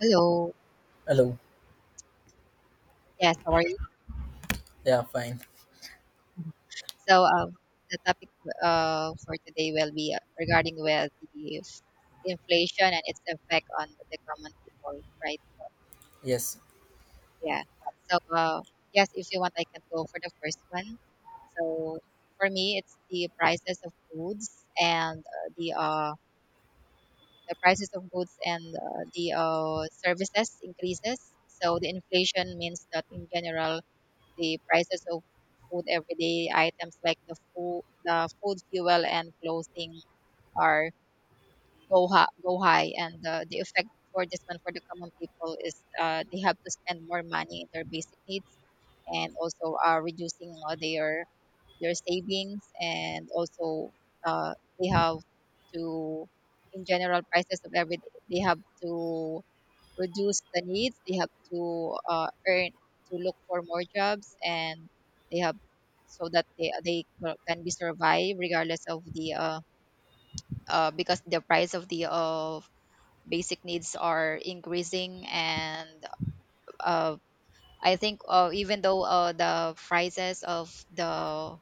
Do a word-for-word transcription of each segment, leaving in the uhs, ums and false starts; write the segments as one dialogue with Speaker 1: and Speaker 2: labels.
Speaker 1: Hello.
Speaker 2: Hello.
Speaker 1: Yes, how are you?
Speaker 2: Yeah, fine.
Speaker 1: So, um, the topic uh, for today will be uh, regarding with the f- inflation and its effect on the common people, right?
Speaker 2: Yes.
Speaker 1: Yeah. So, uh, yes, if you want, I can go for the first one. So, for me, it's the prices of goods and uh, the uh, the prices of goods and uh, the uh, services increases. So, the inflation means that in general, the prices of food, everyday items like the food, the food, fuel, and clothing are go high, go high, and the, the effect for this one for the common people is uh, they have to spend more money in their basic needs, and also uh, reducing uh, their their savings, and also uh, they have to, in general, prices of every they have to reduce the needs. They have to uh, earn to look for more jobs, and they have so that they they can be survive regardless of the uh, uh, because the price of the of basic needs are increasing and uh, I think uh, even though uh, the prices of the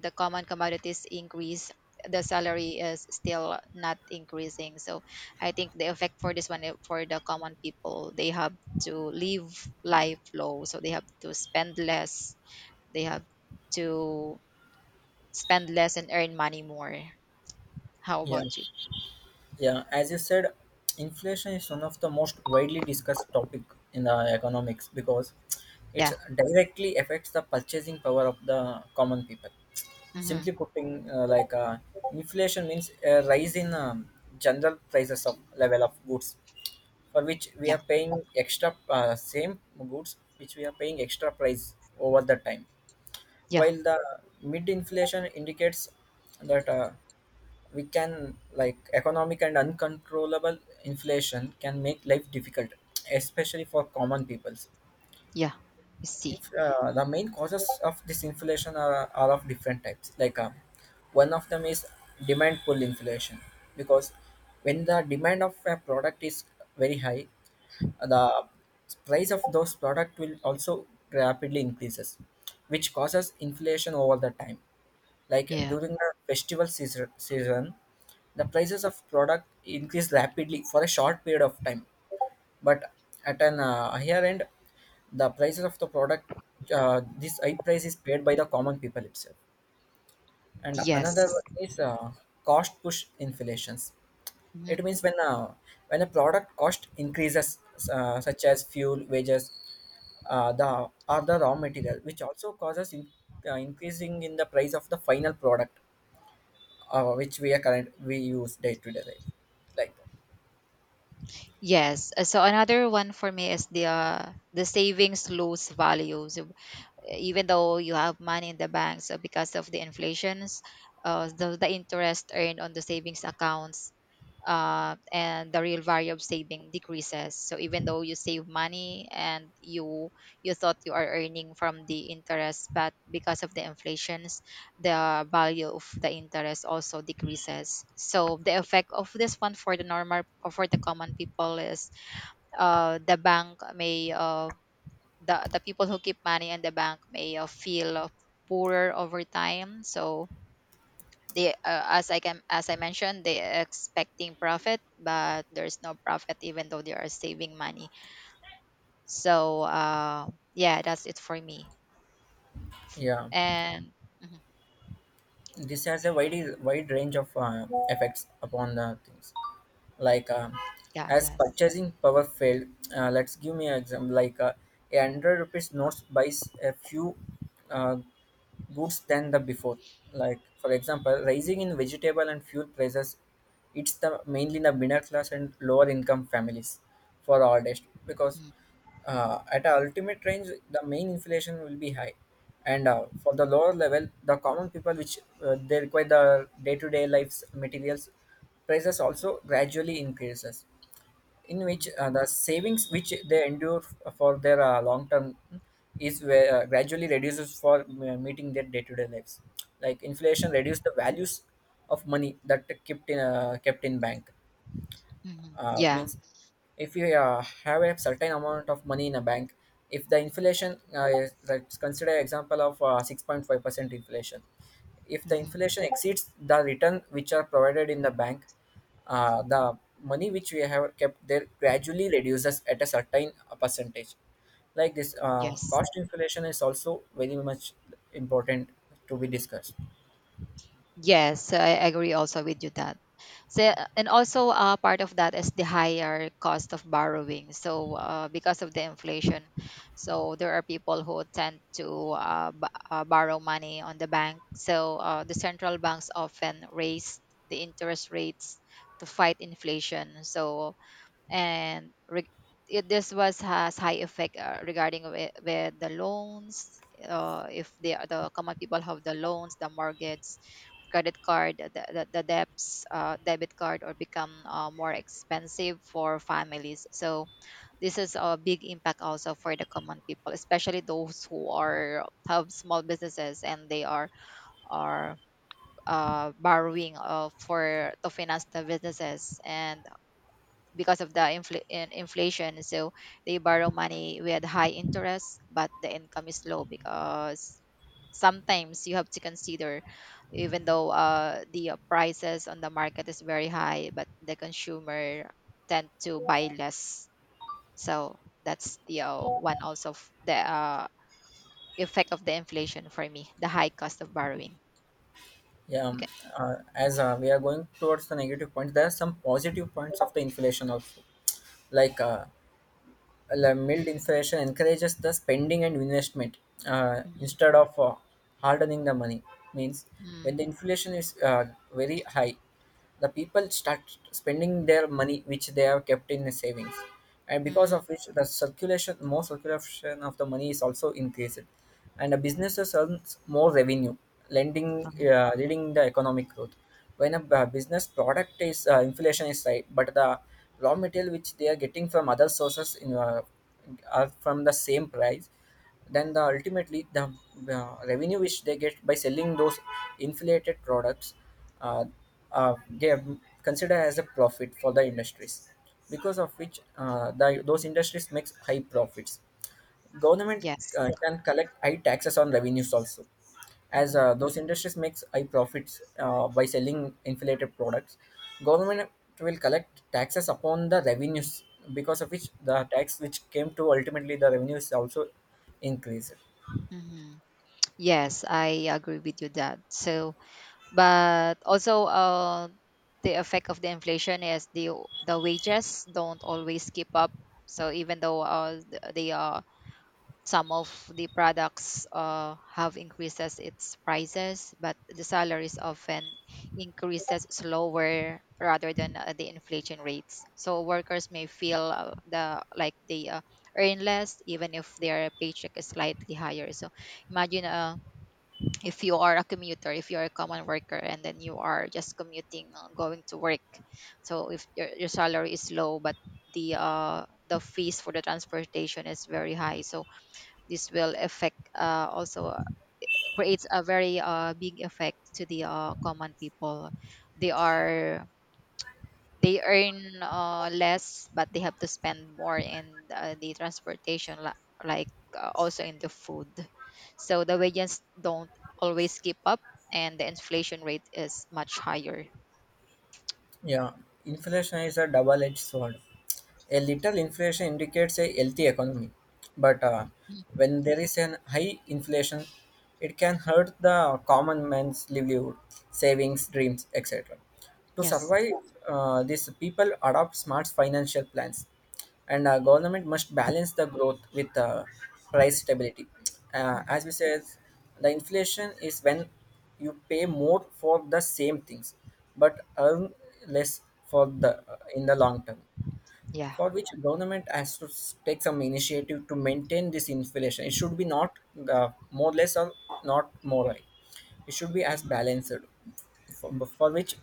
Speaker 1: the common commodities increase, the salary is still not increasing. So I think the effect for this one, eh, for the common people, they have to live life low, so they have to spend less, they have to spend less and earn money more. How
Speaker 2: Yeah.
Speaker 1: about you?
Speaker 2: Yeah, as you said, inflation is one of the most widely discussed topic in the economics because it
Speaker 1: Yeah.
Speaker 2: directly affects the purchasing power of the common people. Simply
Speaker 1: Mm-hmm.
Speaker 2: putting, uh, like uh, inflation means a rise in um, general prices of level of goods for which we
Speaker 1: Yeah.
Speaker 2: are paying extra uh, same goods which we are paying extra price over the time.
Speaker 1: Yeah.
Speaker 2: While the mid inflation indicates that. Uh, we can like economic and uncontrollable inflation can make life difficult especially for common peoples
Speaker 1: Yeah. I see.
Speaker 2: if uh, the main causes of this inflation are, are of different types like uh, one of them is demand pull inflation because when the demand of a product is very high the price of those product will also rapidly increases which causes inflation over the time like
Speaker 1: Yeah.
Speaker 2: during the festival season, season the prices of product increase rapidly for a short period of time, but at an uh, higher end, the prices of the product, uh, this high price is paid by the common people itself. And another
Speaker 1: Yes.
Speaker 2: one is uh, cost push inflations.
Speaker 1: Mhm.
Speaker 2: It means when uh, when a product cost increases, uh, such as fuel, wages, uh, the or the raw material, which also causes in, uh, increasing in the price of the final product uh, which we are current we use day to day life. Like
Speaker 1: Yes. uh, So another one for me is the uh, the savings lose value. So, even though you have money in the bank, so because of the inflations, uh, the, the interest earned on the savings accounts, uh, and the real value of saving decreases. So even though you save money and you you thought you are earning from the interest, but because of the inflations, the value of the interest also decreases. So the effect of this one for the normal or for the common people is uh, the bank may uh, the the people who keep money in the bank may uh, feel uh, poorer over time. So they, uh, as i can as I mentioned, they are expecting profit, but there's no profit even though they are saving money. so uh yeah, that's it for me.
Speaker 2: yeah,
Speaker 1: And mhm.
Speaker 2: this has a wide wide range of uh, effects upon the things. Like um,
Speaker 1: Yeah.
Speaker 2: as
Speaker 1: Yes.
Speaker 2: purchasing power failed, uh, let's give me an example. Like uh, a hundred rupees notes buys a few uh, goods than the before like for example rising in vegetable and fuel prices it's the mainly the middle class and lower income families for all this because
Speaker 1: Mm-hmm.
Speaker 2: uh, at a ultimate range the main inflation will be high and uh, for the lower level the common people which uh, they require the day-to-day lives materials prices also gradually increases in which
Speaker 1: Mm-hmm.
Speaker 2: uh, the savings which they endure f- for their uh, long term is where, uh, gradually reduces for uh, meeting their day to day lives. Like inflation reduced the values of money that kept in uh, kept in bank
Speaker 1: Mm-hmm.
Speaker 2: uh,
Speaker 1: Yeah.
Speaker 2: means if you uh, have a certain amount of money in a bank if the inflation uh, is- let's consider example of uh, six point five percent inflation if the
Speaker 1: Mhm.
Speaker 2: inflation exceeds the return which are provided in the bank uh, the money which we have kept there gradually reduces at a certain uh, percentage like this uh,
Speaker 1: Yes.
Speaker 2: cost inflation is also very much important to be discussed.
Speaker 1: Yes, so I agree also with you that. So, and also uh, part of that is the higher cost of borrowing. So uh, because of the inflation, so there are people who tend to uh, b- uh, borrow money on the bank. So uh, the central banks often raise the interest rates to fight inflation. So and re- it, this was has high effect uh, regarding with, with the loans. Uh, if they are the common people have the loans, the mortgage, credit card, the, the, the debts, uh, debit card, or become uh, more expensive for families. So this is a big impact also for the common people, especially those who are have small businesses and they are are uh, borrowing uh, for to finance the businesses. And because of the infl- in- inflation, so they borrow money with high interest but the income is low, because sometimes you have to consider, even though uh, the uh, prices on the market is very high, but the consumer tend to buy less. So that's the uh, one also of the uh, effect of the inflation for me, the high cost of borrowing.
Speaker 2: Yeah,
Speaker 1: You
Speaker 2: um,
Speaker 1: can.
Speaker 2: uh, as uh, we are going towards the negative points there are some positive points of the inflation also like uh, la- mild inflation encourages the spending and investment uh,
Speaker 1: Mhm.
Speaker 2: instead of uh, hardening the money means when the
Speaker 1: Mm.
Speaker 2: inflation is uh, very high the people start spending their money which they have kept in the savings and because
Speaker 1: Mm.
Speaker 2: of which the circulation more circulation of the money is also increased and the businesses earns more revenue, lending
Speaker 1: Mm.
Speaker 2: uh, leading the economic growth. When a b- business product is uh, inflation is high, but the raw material which they are getting from other sources in, uh, are from the same price, then the ultimately the uh, revenue which they get by selling those inflated products, uh, uh, they are considered as a profit for the industries because of which uh, the, those industries makes high profits. Government
Speaker 1: Yes.
Speaker 2: uh, can collect high taxes on revenues also, as uh, those industries makes high profits uh, by selling inflated products. Government will collect taxes upon the revenues because of which the tax which came to ultimately the revenues also increased.
Speaker 1: Hmm. Yes, I agree with you that. So, but also uh, the effect of the inflation is the the wages don't always keep up. So even though uh, th- the uh, some of the products uh, have increases its prices, but the salaries often increases slower rather than uh, the inflation rates. So workers may feel uh, the like they uh, earn less even if their paycheck is slightly higher. So imagine uh, if you are a commuter, if you're a common worker, and then you are just commuting uh, going to work. So if your, your salary is low but the uh the fees for the transportation is very high, so this will affect uh, also uh, creates a very uh, big effect to the uh, common people. They are they earn uh, less but they have to spend more in uh, the transportation, li- like uh, also in the food. So the wages don't always keep up and the inflation rate is much higher.
Speaker 2: Yeah, inflation is a double-edged sword. A little inflation indicates a healthy economy, but uh,
Speaker 1: Mm.
Speaker 2: when there is an high inflation, it can hurt the common man's livelihood, savings, dreams, et cetera. To
Speaker 1: Yes.
Speaker 2: survive, uh, these people adopt smart financial plans and uh, government must balance the growth with uh, price stability uh,
Speaker 1: Hmm.
Speaker 2: as we said the inflation is when you pay more for the same things but earn less for the uh, in the long term
Speaker 1: Yeah.
Speaker 2: for which government has to s- take some initiative to maintain this inflation it should be not uh, more less or not more high, it should be as balanced for, for which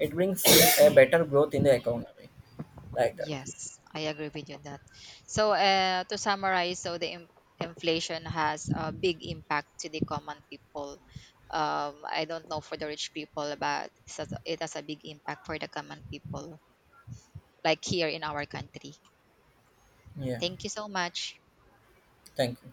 Speaker 2: it brings a better growth in the economy like that.
Speaker 1: Yes, I agree with you on that. So uh, to summarize, so the in- inflation has a big impact to the common people. um, I don't know for the rich people, but it has it has a big impact for the common people, like here in our country.
Speaker 2: Yeah,
Speaker 1: Thank you so much.
Speaker 2: thank you.